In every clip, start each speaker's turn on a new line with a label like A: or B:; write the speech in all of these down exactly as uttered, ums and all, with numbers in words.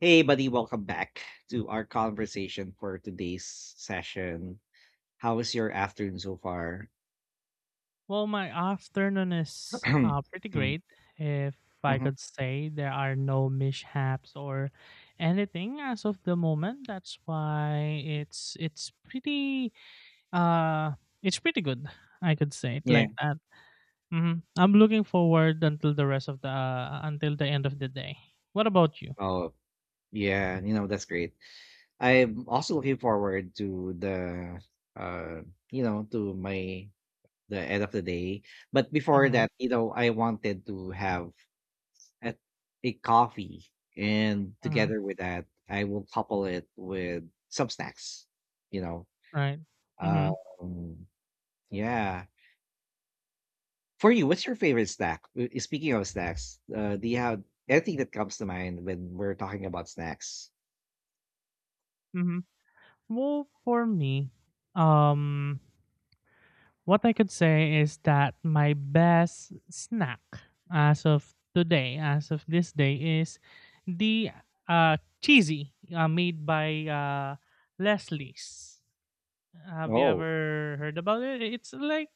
A: Hey, buddy, welcome back to our conversation for today's session. How was your afternoon so far?
B: Well, my afternoon is uh, pretty great, if I
A: Mm-hmm.
B: could say. There are no mishaps or anything as of the moment. That's why it's it's pretty uh it's pretty good. I could say it
A: Yeah.
B: like that. hmm I'm looking forward until the rest of the uh, until the end of the day. What about you?
A: Oh, yeah. You know, that's great. I'm also looking forward to the, uh, you know, to my, the end of the day. But before
B: Mm-hmm,
A: that, you know, I wanted to have a, a coffee. And
B: mm-hmm,
A: together with that, I will couple it with some snacks, you know.
B: right. Mm-hmm,
A: Um, yeah. For you, what's your favorite snack? Uh, eh, Speaking of snacks, uh, do you have anything that comes to mind when we're talking about snacks?
B: mm-hmm. Well, for me, um. What I could say is that my best snack as of today, as of this day, is the uh, cheesy uh, made by uh, Leslie's. Have you
A: Oh,
B: ever heard about it? It's like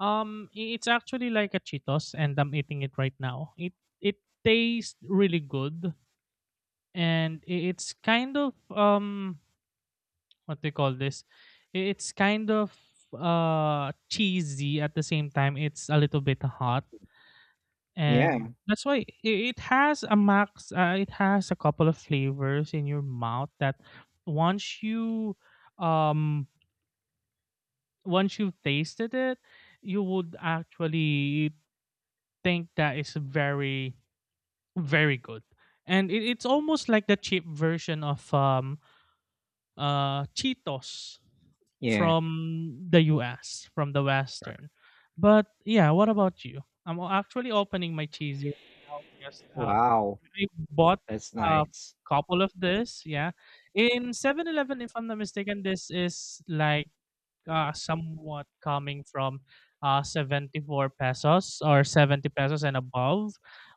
B: um, i- it's actually like a Cheetos, and I'm eating it right now. It it tastes really good, and i- it's kind of um what they call this I- it's kind of uh cheesy, at the same time it's a little bit hot, and
A: yeah,
B: that's why i- it has a max uh, it has a couple of flavors in your mouth that once you um once you've tasted it you would actually think that it's very very good, and it, it's almost like the cheap version of um uh cheetos
A: yeah.
B: from the U S, from the Western. But yeah, what about you? I'm o- actually opening my cheesy right now because um,
A: Wow,
B: I bought
A: that's
B: a
A: nice.
B: couple of this. Yeah, in Seven Eleven, if I'm not mistaken, this is like uh, somewhat coming from uh seventy-four pesos or seventy pesos and above.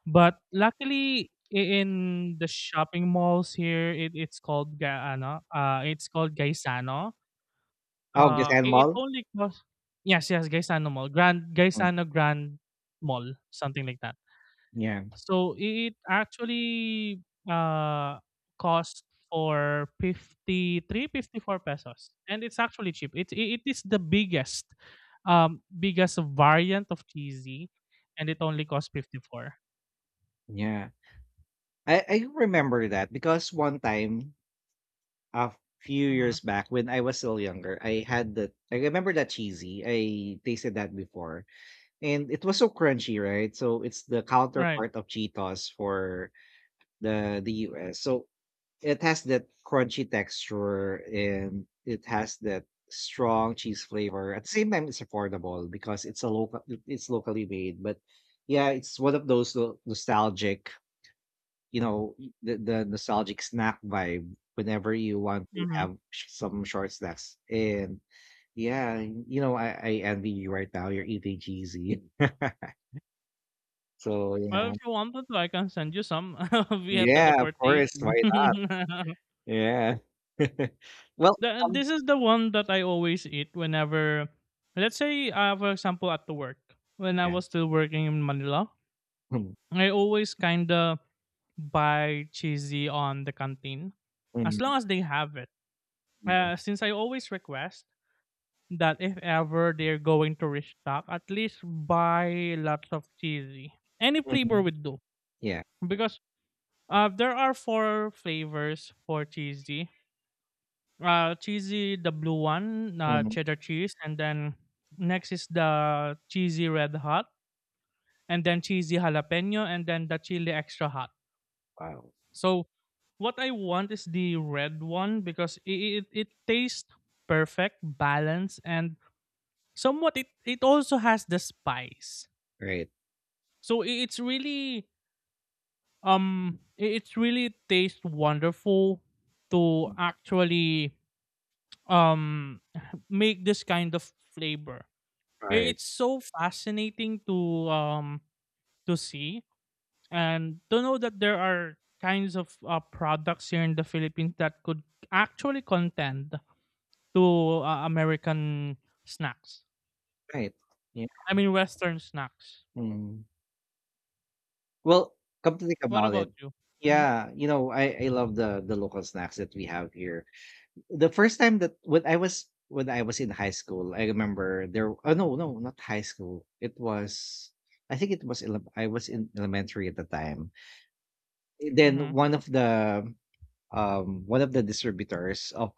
B: But luckily, i- in the shopping malls here, it, it's called Ga- ano, uh, it's called Gaisano.
A: Oh, just
B: Uh, it it
A: animal?
B: only costs, yes, yes, Gaisano Mall, Grand
A: Mm.
B: Gaisano Grand Mall, something like that.
A: Yeah,
B: So it actually uh costs for fifty three, fifty four pesos, and it's actually cheap. It it is the biggest, um, biggest variant of cheesy, and it only costs fifty-four.
A: yeah. I, I remember that because one time a few
B: Mm-hmm.
A: years back when I was still younger, I had that. I remember that cheesy. I tasted that before, and it was so crunchy, right? So it's the
B: Right.
A: counterpart of Cheetos for the the U S. So it has that crunchy texture and it has that strong cheese flavor. At the same time, it's affordable because it's a local, it's locally made. But yeah, it's one of those no- nostalgic, you know, y- the, the nostalgic snack vibe whenever you want to
B: Mm-hmm.
A: have sh- some short snacks. And yeah, you know, I, I envy you right now. You're eating cheesy. So
B: Well,
A: yeah,
B: if you wanted to, I can send you some via
A: yeah, of course.
B: teleportation.
A: Why not? Yeah. Well,
B: The, this is the one that I always eat whenever, let's say, uh, for example, at the work. When I
A: yeah.
B: was still working in Manila,
A: Mm,
B: I always kind of buy cheesy on the canteen as
A: mm,
B: long as they have it.
A: yeah.
B: Uh, since I always request that if ever they're going to restock, at least buy lots of cheesy. Any flavor
A: Mhm,
B: would do.
A: yeah.
B: Because uh, there are four flavors for cheesy. Uh, cheesy, the blue one, uh,
A: Mm-hmm.
B: cheddar cheese, and then next is the cheesy red hot, and then cheesy jalapeno, and then the chili extra hot.
A: Wow.
B: So what I want is the red one because it it, it tastes perfect, balanced, and somewhat it it also has the spice.
A: Right.
B: So i- it's really um i- it's really tastes wonderful to actually um make this kind of flavor. Eh,
A: Right.
B: It's so fascinating to um to see and to know that there are kinds of uh, products here in the Philippines that could actually contend to uh, American snacks.
A: Right. Yeah.
B: I mean Western snacks.
A: Mm. Well, come to think
B: What
A: about
B: about
A: it,
B: you? hmm
A: yeah, you know, I I love the the local snacks that we have here. The first time that when I was when I was in high school, I remember there. Oh no, no, not high school. It was. I think it was ele- I was in elementary at the time. Then
B: hmm
A: one of the um one of the distributors of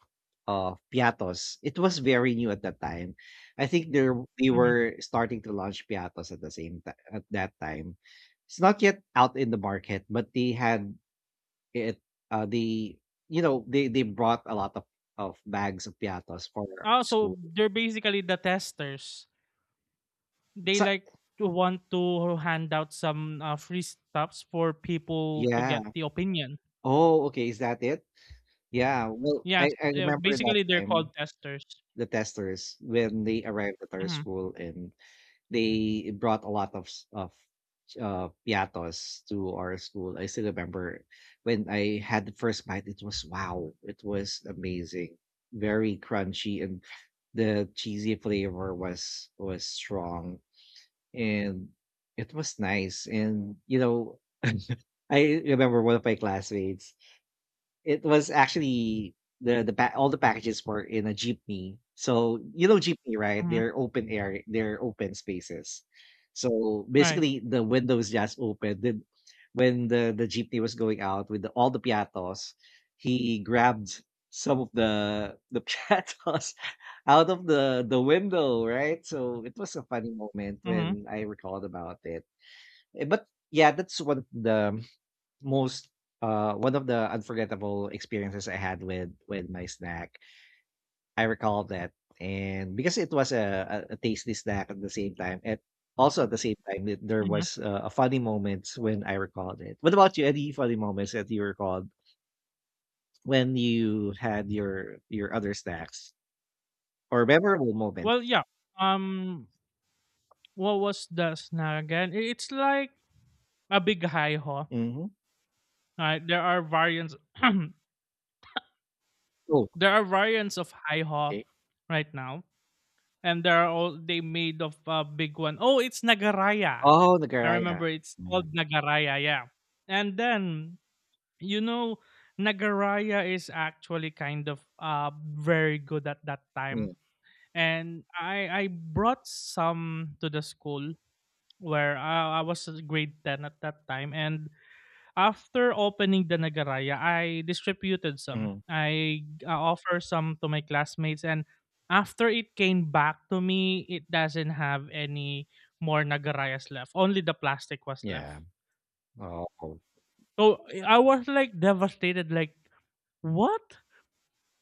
A: uh piatos, it was very new at that time. I think there they
B: hmm
A: were starting to launch piatos at the same time at that time. It's not yet out in the market, but they had it uh they you know, they they brought a lot of of bags of piatos for
B: Also,
A: school.
B: they're basically the testers. They
A: So,
B: like to want to hand out some uh, free stuffs for people to get
A: yeah,
B: the opinion.
A: oh okay, is that it? Yeah, well, i
B: Yes,
A: i
B: uh,
A: remember that
B: basically they're
A: time
B: called testers.
A: the testers when they arrived at our
B: hmm
A: school and they brought a lot of s- of uh piatos to our school. I still remember when I had the first bite, it was wow, it was amazing. Very crunchy and the cheesy flavor was was strong, and it was nice. And you know, I remember one of my classmates. It was actually the the pa all the packages were in a jeepney. So, you know jeepney, right?
B: hmm
A: They're open air, they're open spaces. So,
B: Right.
A: basically, the windows just opened. Then when the the jeepney was going out with the, all the piatos, he grabbed some of the the piatos out of the the window, right? So, it was a funny moment
B: Mhm,
A: when I recalled about it. Eh, But yeah, that's one of the most uh one of the unforgettable experiences I had with with my snack. I recall that, and because it was a, a, a tasty snack at the same time, and also at the same time, it, there
B: mhm.
A: was uh, a funny moments when I recalled it. What about you? Any funny moments that you recalled when you had your your other snacks or memorable
B: Well,
A: moments?
B: yeah, um, what was the snack again? I it's like a big high ho,
A: Hmm.
B: right? There are variants
A: Oh,
B: there are variants of high ho
A: okay.
B: right now, and there are all they made of a big one. Oh, it's nagaraya.
A: Oh,
B: I
A: Nagaraya.
B: remember it's
A: Yeah.
B: called nagaraya, yeah. And then, you know, nagaraya is actually kind of, uh, very good at that time, and I I brought some to the school where I, I was a grade ten at that time, and after opening the nagaraya I distributed some,
A: Hmm.
B: I uh, offer some to my classmates, and after it came back to me it doesn't have any more nagarayas left, only the plastic was
A: Yeah.
B: left.
A: Oh,
B: So I was like devastated, like what,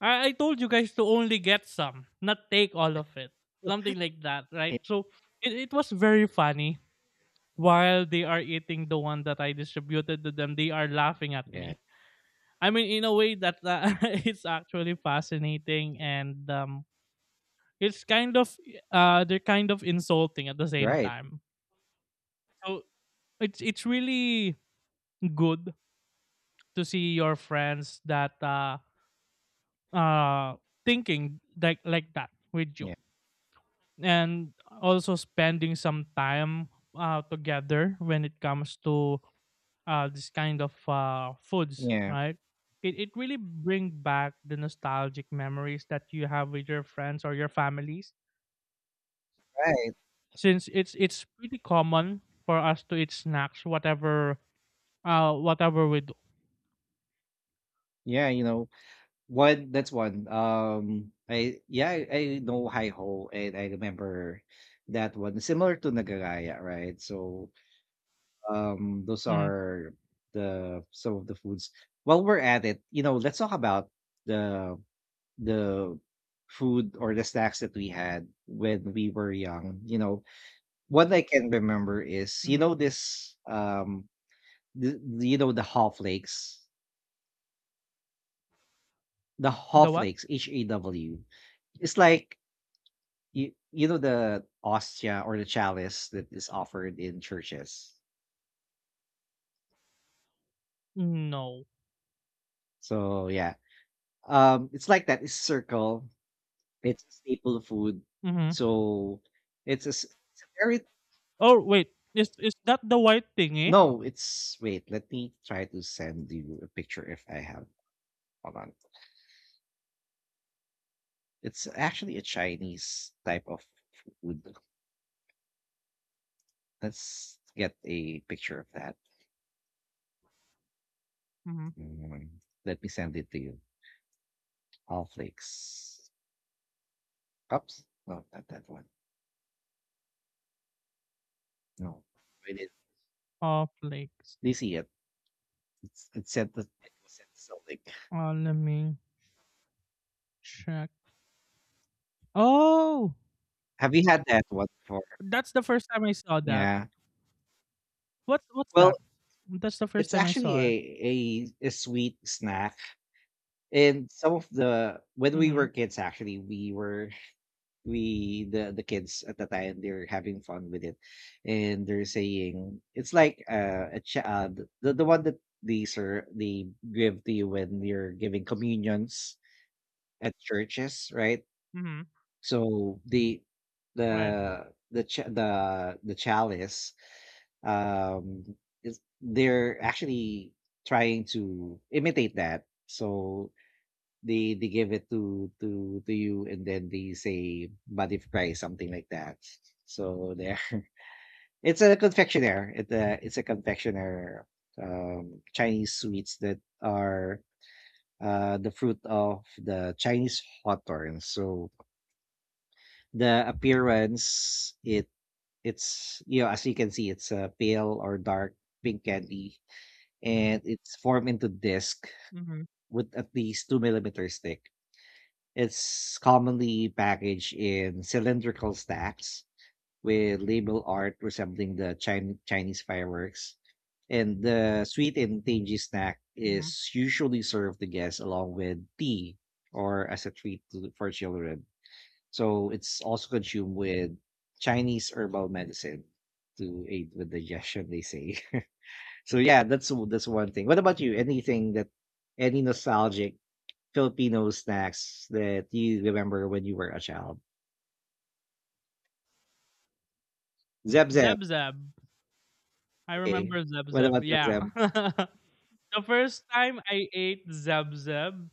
B: i, I told you guys to only get some, not take all of it, something like that, right? So it, it was very funny. While they are eating the one that I distributed to them, they are laughing at
A: yeah.
B: me. I mean, in a way that uh, it's actually fascinating and um, it's kind of uh, they're kind of insulting at the same
A: Right.
B: time. So it's it's really good to see your friends that uh, uh, thinking like like that with you,
A: Yeah.
B: and also spending some time uh, together when it comes to uh, this kind of uh, foods,
A: Yeah.
B: right? It, it really bring back the nostalgic memories that you have with your friends or your families
A: Right.
B: since it's it's pretty common for us to eat snacks whatever uh whatever we do.
A: Yeah. You know, one that's one. Um I yeah, I, I know Hi Ho and I remember that one. Similar to Nagaraya, right? So um, those
B: Mm.
A: are the some of the foods. While we're at it, you know, let's talk about the the food or the snacks that we had when we were young. You know, one I can remember is you
B: hmm
A: know this um the, you know, the Haw flakes. The Haw
B: the what?
A: flakes, H A W. It's like you, you know the ostia or the chalice that is offered in churches.
B: No.
A: So yeah, um, it's like that. It's circle. It's a staple food.
B: hmm
A: So it's a, s- it's a very
B: oh wait, is is that the white thingy?
A: no. It's wait. Let me try to send you a picture if I have. Hold on. It's actually a Chinese type of food. Let's get a picture of that.
B: Mhm.
A: Mm, let me send it to you. All flakes. Oops. No, not that one. No.
B: Cornflakes.
A: Do you see it? It's it's sent to it was sent to Sonic.
B: Uh, let me check. Oh,
A: Have you had that one before?
B: that's the first time I saw that.
A: Yeah.
B: What's what's
A: Well,
B: that? That's the first
A: it's
B: time I
A: actually
B: saw it.
A: a a, a sweet snack. And some of the when we were
B: Mhm.
A: kids, actually, we were we the the kids at the time they're having fun with it, and they're saying it's like uh, a ch- uh, the the the one that these are they give to you when you're giving communions at churches, right?
B: Mhm.
A: So the
B: Right.
A: the the cha the the chalice, um, is they're actually trying to imitate that. So they they give it to to to you, and then they say body fry, something like that. So there, it's a confectioner. It uh, it's a confectioner um, Chinese sweets that are uh, the fruit of the Chinese hawthorn. So the appearance it. It's, you know, as you can see, it's a pale or dark pink candy, and it's formed into disc
B: Mhm.
A: with at least two millimeters thick. It's commonly packaged in cylindrical stacks with label art resembling the Chin- Chinese fireworks. And the sweet and tangy snack
B: Mhm.
A: is usually served to guests along with tea or as a treat to, for children. So it's also consumed with Chinese herbal medicine to aid with digestion, they say. So yeah, that's that's one thing. What about you? Anything that any nostalgic Filipino snacks that you remember when you were a child? Zeb Zeb.
B: Zeb Zeb. I
A: Okay.
B: remember Zeb
A: What
B: Zeb.
A: about Zeb
B: Yeah.
A: Zeb?
B: The first time I ate Zeb Zeb,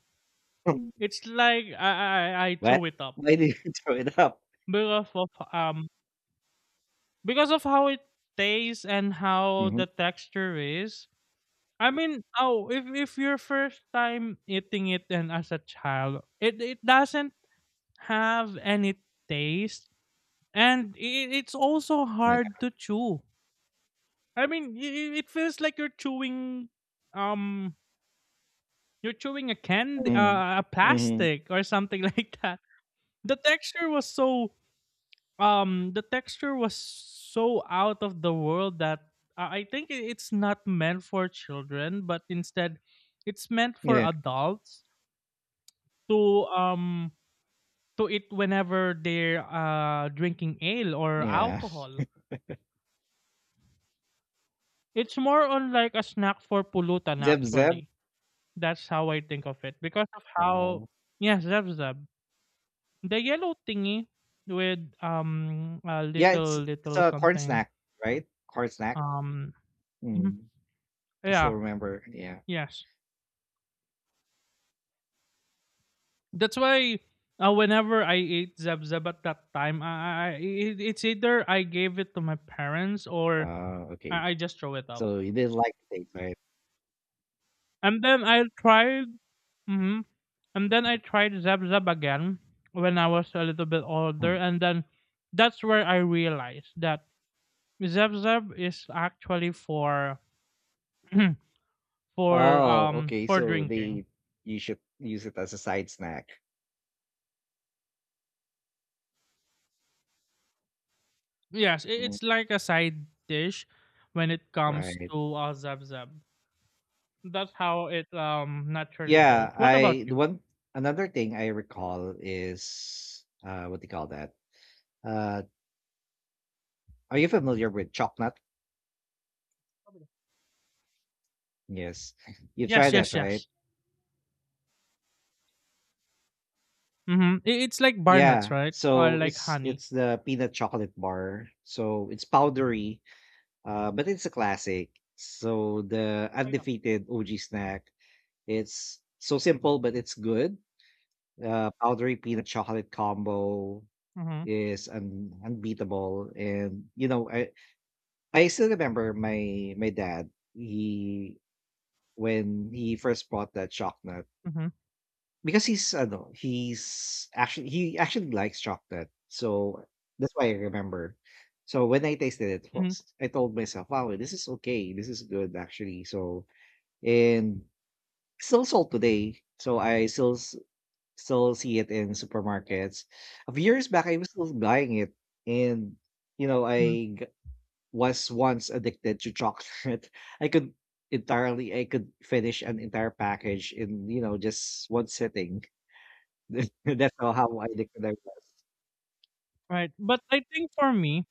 B: it's like I I I
A: What?
B: throw it up
A: Why did you throw it up?
B: because of um because of how it tastes and how
A: Hmm.
B: the texture is. I mean, oh, if if your first time eating it and as a child, it it doesn't have any taste, and it, it's also
A: Yeah.
B: hard to chew. I mean, it, it feels like you're chewing, um, you're chewing a candy, uh, a
A: Mm-hmm.
B: plastic or something like that. The texture was so, um, the texture was so out of the world that I I think it- it's not meant for children, but instead, it's meant for
A: Yeah.
B: adults to um to it whenever they're uh drinking ale or
A: Yeah.
B: alcohol. It's more on like a snack for pulutan
A: Zeb Zeb.
B: actually. That's how I think of it because of how,
A: Wow.
B: yes, zeb zeb. The yellow thingy with um a
A: Yeah, it's
B: little
A: it's
B: little
A: a corn
B: something.
A: snack, right? Corn snack.
B: um mhm.
A: I still
B: Yeah,
A: remember. Yeah.
B: yes. That's why uh, whenever I ate zeb zeb at that time, I, I I- it, it's either I gave it to my parents or
A: Uh, okay.
B: I, I just throw it up.
A: So you didn't like the taste, right?
B: And then I tried, mhm, and then I tried Zap Zap again when I was a little bit older, and then that's where I realized that Zap Zap is actually for for
A: Oh,
B: um
A: okay.
B: for
A: So
B: drinking.
A: they you should use it as a side snack.
B: Yes, i-
A: Mm.
B: it's like a side dish when it comes
A: Right.
B: to uh, Zap Zap. That's how it um naturally goes.
A: Yeah,
B: What
A: I
B: about
A: the
B: you?
A: one another thing I recall is uh, what do you call that? Uh, are you familiar with chocolate? Yes. You tried
B: Yes,
A: that,
B: yes,
A: right?
B: yes. Mm-hmm. It's like bar nuts,
A: Yeah.
B: right? Or
A: So
B: like
A: it's
B: honey.
A: it's the peanut chocolate bar. So it's powdery, uh, but it's a classic. So the
B: I know.
A: undefeated O G snack. It's so simple, but it's good. Uh, powdery peanut chocolate combo
B: Mm-hmm.
A: is un- unbeatable, and you know, I I still remember my my dad. He when he first bought that chocolate,
B: Mm-hmm.
A: because he's I know he's actually he actually likes chocolate, so that's why I remember. So when I tasted it,
B: Mm-hmm.
A: first, I told myself, "Wow, this is okay. This is good, actually." So and still sold today. So I still still see it in supermarkets. A few years back, I was still buying it, and you know, I g- was once addicted to chocolate. I could entirely, I could finish an entire package in you know just one sitting. That's how how addicted I was.
B: Right. But I think for me,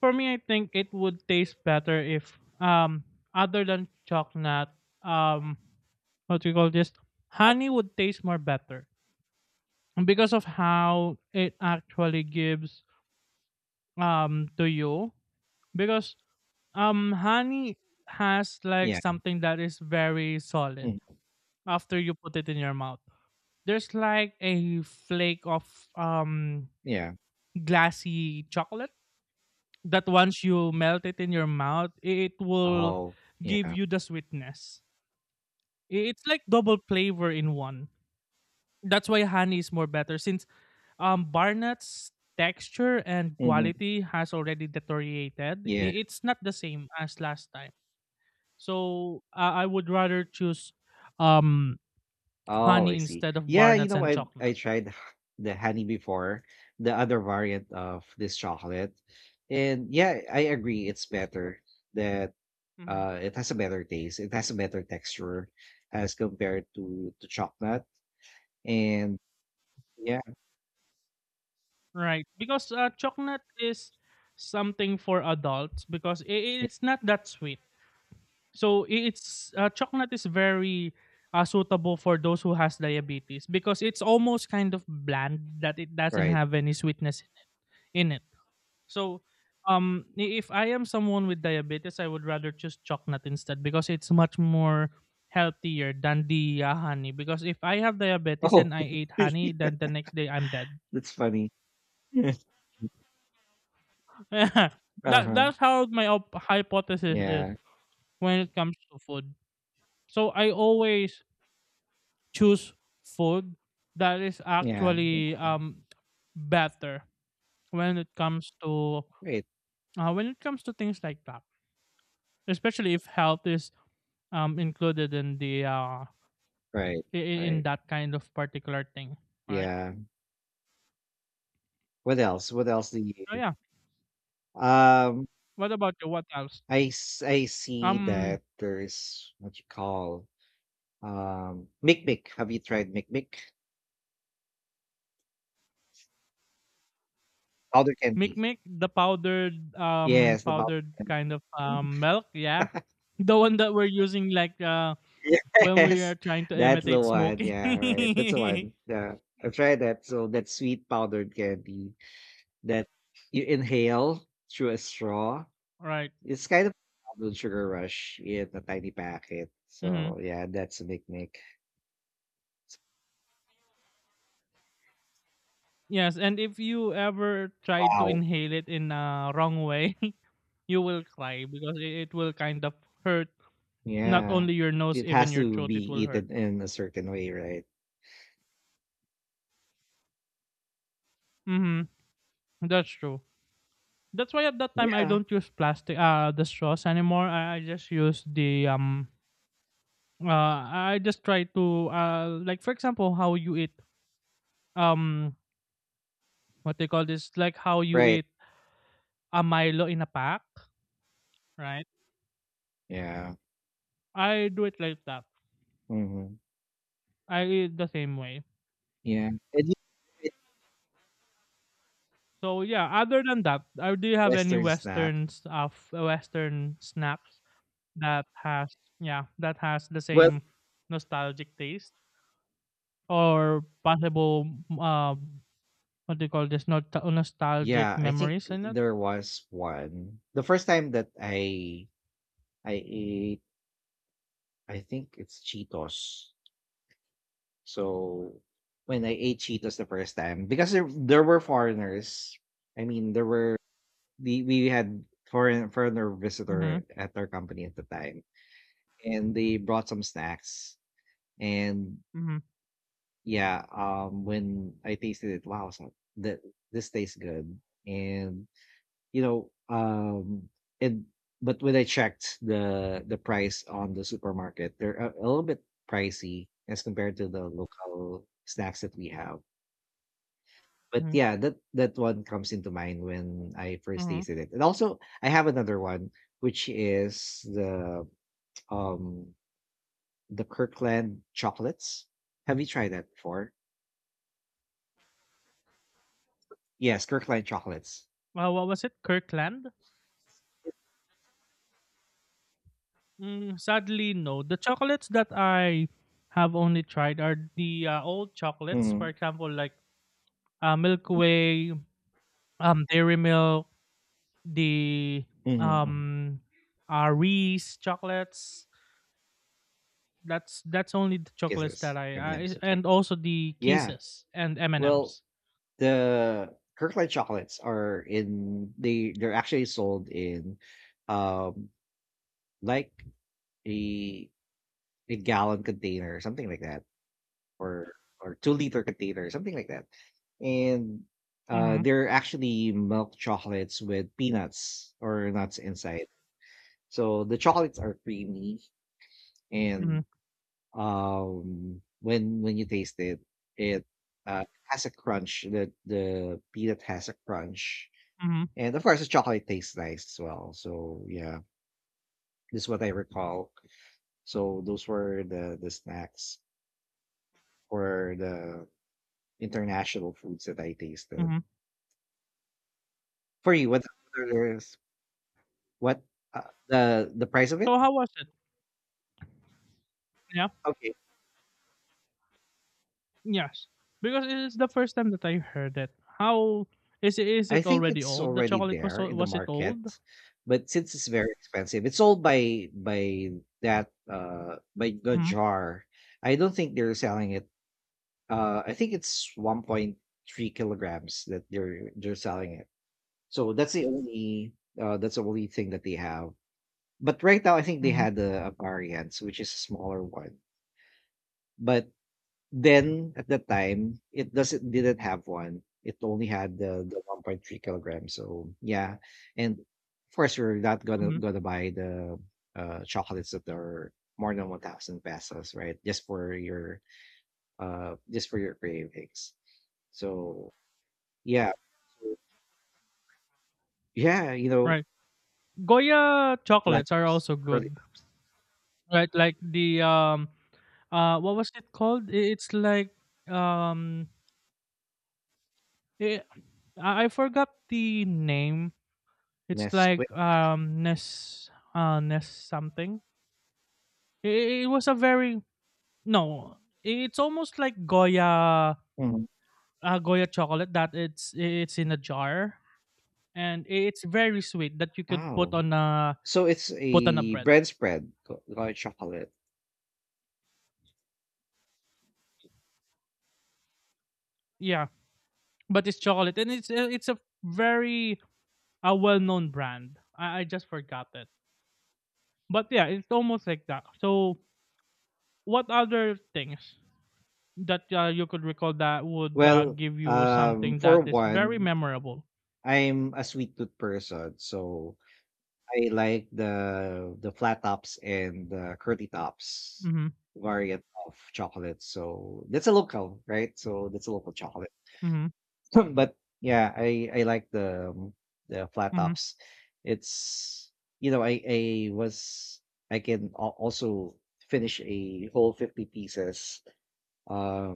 B: for me, I think it would taste better if, um, other than chocolate, um, what we call this? Honey would taste more better because of how it actually gives, um, to you. Because, um, honey has like
A: Yeah,
B: something that is very solid
A: mm,
B: after you put it in your mouth. There's like a flake of, um,
A: yeah.
B: glassy chocolate that once you melt it in your mouth, it will
A: Oh,
B: give
A: yeah,
B: you the sweetness. I- It's like double flavor in one. That's why honey is more better since um Barnett's texture and
A: hmm,
B: quality has already deteriorated.
A: yeah.
B: i- It's not the same as last time. So uh, I would rather choose um
A: Oh, I
B: honey
A: see.
B: instead of
A: Yeah, you
B: Barnett's
A: know,
B: and
A: I I
B: chocolate.
A: tried h- the honey before, the other variant of this chocolate. And yeah, I agree it's better that
B: Mm-hmm.
A: uh, it has a better taste. It has a better texture as compared to to chocolate. And yeah,
B: Right, because uh, chocolate is something for adults because i- it's not that sweet. So i- it's uh, chocolate is very uh, suitable for those who has diabetes because it's almost kind of bland that it doesn't
A: right.
B: have any sweetness in it. So um i- if I am someone with diabetes, I would rather choose chocolate instead because it's much more healthier than the uh, honey, because if I have diabetes
A: Oh,
B: and I ate honey, then the next day I'm dead.
A: that's funny.
B: That
A: Uh-huh.
B: that's how my op- hypothesis is
A: Yeah.
B: when it comes to food. So I always choose food that is
A: Yeah. Yeah.
B: actually um better when it comes to
A: Right.
B: uh, when it comes to things like that, especially if health is um included in the uh
A: Right.
B: in, in
A: Right.
B: that kind of particular thing, right?
A: Yeah. What else? What else do
B: So
A: you
B: yeah.
A: um
B: What about you? What else?
A: I s- I see
B: Um,
A: that there's what you call um Mic Have you tried Mic Mic? Powder candy.
B: Mikmik, the powdered um
A: Yes, the powder.
B: powdered kind of um milk, yeah. The one that we're using like uh when we are
A: Yes,
B: trying to
A: that's the
B: imitate
A: one.
B: smoking.
A: Yeah, right. That's the one. Yeah, I've tried that. So that sweet powdered candy that you inhale through a straw.
B: Right.
A: It's kind of a blood sugar rush in a tiny packet.
B: Mhm.
A: So yeah, that's a Mic Mic.
B: Yes, and if you ever try to
A: Wow.
B: inhale it in a wrong way, you will cry because it, it will kind of hurt not
A: Yeah.
B: only your nose,
A: It
B: even
A: has
B: your
A: to
B: throat
A: be
B: it will hurt.
A: eaten in a certain way, right?
B: Mhm. That's true. That's why at that time I
A: Yeah.
B: don't use plastic uh the straws anymore. I, I just use the um uh I just try to uh like for example how you eat um what they call this like how you
A: Right.
B: eat a milo in a pack, right?
A: Yeah.
B: I do it like that,
A: Mhm.
B: I eat the same way.
A: Yeah. And you said
B: So yeah, other than that, uh, do you have any
A: Western snack.
B: western stuff uh, western snacks that has, yeah, that has the
A: Well,
B: same nostalgic taste or possible uh what do you call this, not nostalgic
A: yeah, I think
B: memories in it?
A: there was one. The first time that I I ate, I think it's Cheetos. So when I ate Cheetos the first time, because there, there were foreigners. I mean, there were the we had foreign foreigner
B: Mm-hmm.
A: visitor at our company at the time, and they brought some snacks. And
B: Mm-hmm.
A: yeah, um, when I tasted it, wow, so that this tastes good. And you know, um, and but when I checked the the price on the supermarket, they're a, a little bit pricey as compared to the local snacks that we have. But
B: Mm-hmm.
A: yeah, that that one comes into mind when I first
B: Mm-hmm.
A: tasted it. And also, I have another one, which is the um the Kirkland chocolates. Have you tried that before? Yes, Kirkland chocolates.
B: Uh, what was it? Kirkland? Mm, sadly, no. The chocolates that I have only tried are the uh, old chocolates. For
A: Mhm.
B: example, like uh, Milky Way, um, Dairy Milk, the
A: Mhm, mhm.
B: um, uh, Reese chocolates. That's that's only the chocolates
A: Kisses,
B: that I,
A: M&Ms,
B: I,
A: okay.
B: and also the
A: Yeah.
B: kisses and M and
A: Well,
B: M's.
A: the Kirkland chocolates are in they they're actually sold in um like a a gallon container, something like that, or or two liter container, something like that. And uh
B: Mhm.
A: they're actually milk chocolates with peanuts or nuts inside. So the chocolates are creamy and
B: Mhm.
A: um when when you taste it it uh, has a crunch, the the peanut has a crunch,
B: Mhm.
A: and of course the chocolate tastes nice as well, so yeah, this is what I recall. So those were the the snacks or the international foods that I tasted.
B: Mhm.
A: For you, what others- what uh, the the price of it?
B: So how was it? Yeah.
A: Okay.
B: Yes. Because it is the first time that I heard it. How is it? Is
A: I
B: it
A: think
B: already
A: it's
B: old? The
A: already
B: chocolate was
A: there
B: al-
A: in the
B: was it
A: market,
B: old?
A: but since it's very expensive, it's sold by by that uh by the
B: Mhm.
A: jar. I don't think they're selling it. Uh, I think it's one point three kilograms that they're they're selling it. So that's the only uh that's the only thing that they have. But right now, I think they
B: Mhm.
A: had a, a variant, which is a smaller one. But then at that time, it doesn't didn't have one. It only had the the one point three kilograms. So yeah, and of course we're not gonna
B: Mhm.
A: gonna buy the uh, chocolates that are more than one thousand pesos, right? Just for your uh just for your cravings. So yeah, yeah, you know,
B: Right. Goya chocolates are
A: Platinum's
B: also
A: early
B: good. Right. Like the um uh what was it called? I- it's like um it. I I forgot the name, it's like
A: Nesquik.
B: um ness uh ness something. it, it was a very, no, i- it's almost like goya,
A: Mhm.
B: uh, goya chocolate that it's it's in a jar and i- it's very sweet that you could put
A: Oh,
B: on a
A: so it's
B: put on a
A: a
B: bread,
A: bread spread, co- called chocolate.
B: yeah, but it's chocolate and it's uh, it's a very a well-known brand, i, I just forgot it, but yeah, it's almost like that. So what other things that uh, you could recall that would uh,
A: Well,
B: give you
A: um,
B: something
A: for
B: that is very
A: one,
B: memorable?
A: I'm a sweet tooth person, so I like the the flat tops and the curly tops
B: Mm-hmm,
A: variant of chocolate. So that's a local, right? So that's a local chocolate.
B: mm-hmm,
A: But yeah, I I like the um, the flat
B: mm-hmm,
A: tops. It's, you know I I was, I can al- also finish a whole fifty pieces. Uh,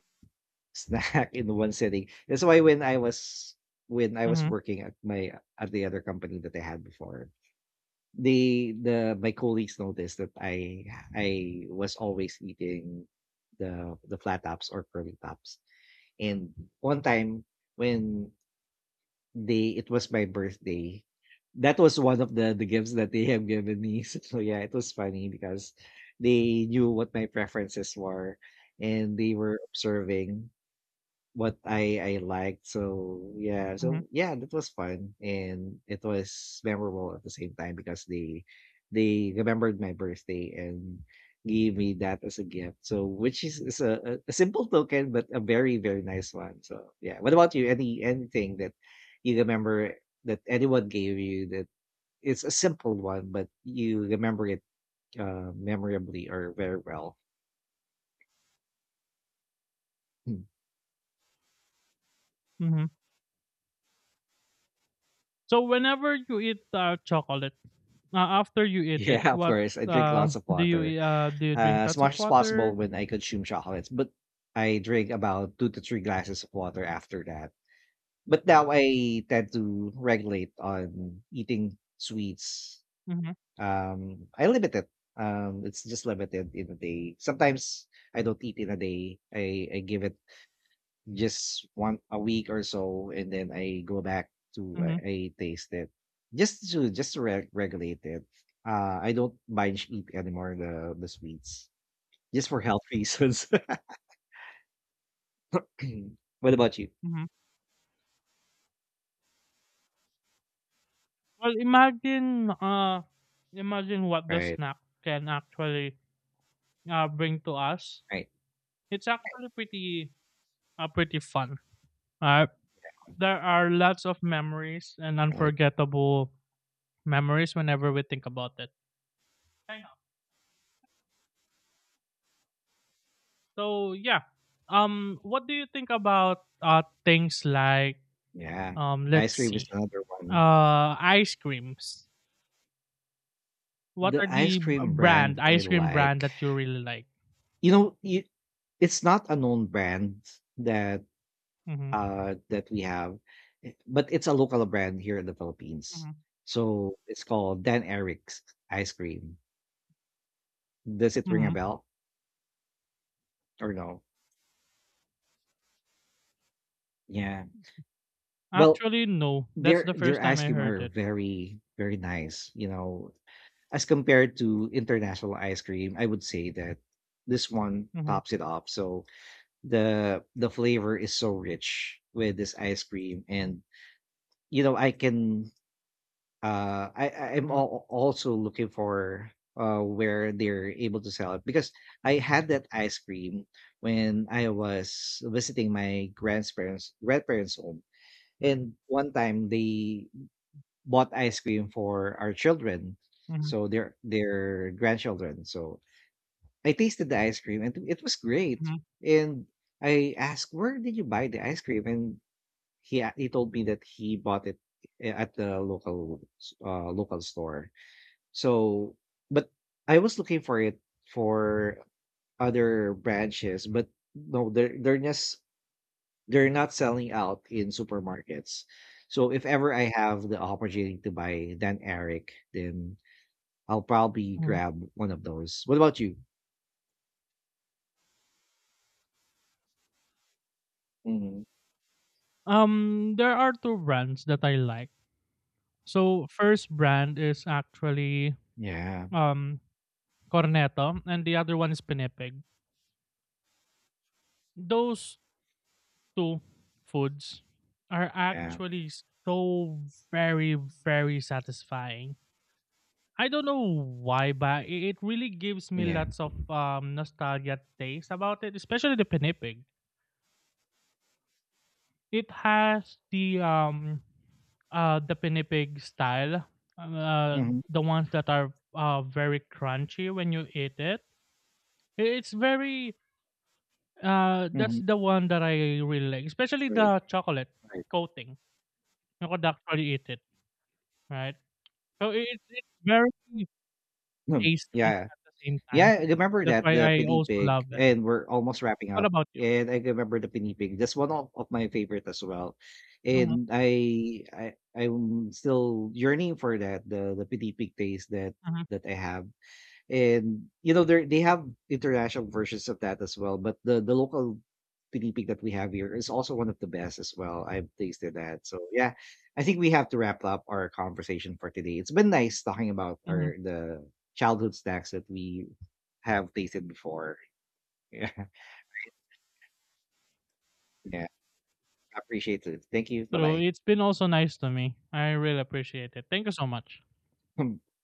A: Snack in one sitting. That's why when I was, when I was
B: mm-hmm,
A: working at my, at the other company that I had before, they, the my colleagues noticed that I I was always eating the the flat tops or curly tops. And one time when they, it was my birthday, that was one of the the gifts that they have given me. So yeah, it was funny because they knew what my preferences were and they were observing what I I liked. So yeah,
B: mm-hmm,
A: so yeah, that was fun and it was memorable at the same time because they they remembered my birthday and gave me that as a gift. So which is, is a, a a simple token but a very, very nice one. So yeah, what about you? Any anything that you remember that anyone gave you that it's a simple one but you remember it uh memorably or very well. Hmm.
B: mm-hmm. So whenever you eat uh, chocolate, uh, after you eat it,
A: Yeah, of
B: what
A: course. I drink lots
B: um
A: of
B: do you
A: water.
B: e- uh, do? You
A: Uh,
B: drink
A: as
B: lots of
A: much as possible
B: water.
A: when I consume chocolates, but I drink about two to three glasses of water after that. But now I tend to regulate on eating sweets.
B: Mm-hmm,
A: Um, I limit it. Um, it's just limited in a day. Sometimes I don't eat in a day. I, I give it just one a week or so, and then I go back to,
B: mm-hmm,
A: I, I taste it just to just to re- regulate it. Uh, I don't binge eat anymore the the sweets. Just for health reasons. What about you?
B: mm-hmm. Well, imagine uh, imagine what the
A: Right.
B: snack can actually uh, bring to us.
A: Right,
B: It's actually pretty uh, pretty fun. Alright. There are lots of memories and
A: right.
B: unforgettable memories whenever we think about it. I know. So yeah. Um, what do you think about uh things like
A: Yeah.
B: um
A: Ice
B: let's
A: cream is
B: see.
A: another one.
B: Uh, ice creams. What
A: The
B: are
A: ice
B: the b-
A: cream
B: brand
A: brand that I
B: ice cream brand
A: like,
B: that you really like?
A: you know, you, it's not a known brand that,
B: Mhm.
A: uh, that we have, eh, but it's a local brand here in the Philippines.
B: Mhm.
A: So it's called Dan Eric's ice cream. Does it ring a
B: Mhm.
A: bell or no? Yeah. Well,
B: Actually no. That's
A: their
B: the
A: their
B: first time
A: ice
B: I
A: cream
B: heard
A: are
B: it.
A: very, very nice, you know, as compared to international ice cream, I would say that this one
B: Mhm.
A: tops it up. So the the flavor is so rich with this ice cream, and you know I can uh I I- I'm
B: Mhm.
A: al- also looking for uh where they're able to sell it because I had that ice cream when I was visiting my grandparents grandparents home, and one time they bought ice cream for our children,
B: Mhm.
A: so their their grandchildren, so I tasted the ice cream and it was great.
B: Mhm.
A: And I asked, "Where did you buy the ice cream?" And he a- he told me that he bought it a- at the local s- uh, local store. So, but I was looking for it for other branches, but no, they're they're just they're not selling out in supermarkets. So if ever I have the opportunity to buy Dan Eric, then I'll probably
B: Mhm.
A: grab one of those. What about you? Hmm.
B: Um, there are two brands that I like. So first brand is actually
A: Yeah,
B: um cornetto and the other one is pinipig. Those two foods are
A: yeah.
B: actually so very very satisfying. I don't know why, but i- it really gives me
A: Yeah.
B: lots of um nostalgia taste about it, especially the pinipig. It has the um uh the pinipig style, um, uh
A: Mhm,
B: the ones that are uh very crunchy when you eat it. I- It's very, Uh, that's
A: mhm.
B: the one that I really like, especially
A: Right,
B: the chocolate
A: right.
B: coating. You could actually eat it, right? So i- it's it's very
A: Hmm,
B: tasty
A: yeah.
B: at the same time.
A: Yeah, I remember
B: That's
A: that,
B: why
A: the
B: I also
A: Pinipig,
B: love it.
A: and we're almost wrapping
B: What
A: up,
B: about you?
A: and I remember the Pinipig. That's one of, of my favorite as well,
B: hmm
A: and I I I'm still yearning for that, the the Pinipig taste that
B: hmm
A: that I have. And you know, they they have international versions of that as well, but the the local tinipig that we have here is also one of the best as well. I've tasted that. So yeah, I think we have to wrap up our conversation for today. It's been nice talking about
B: hmm
A: our, the childhood snacks that we have tasted before. Yeah. Yeah. I appreciate it. Thank you.
B: True.
A: Bye
B: It's been also nice to me. I really appreciate it. Thank you so much.
A: bye.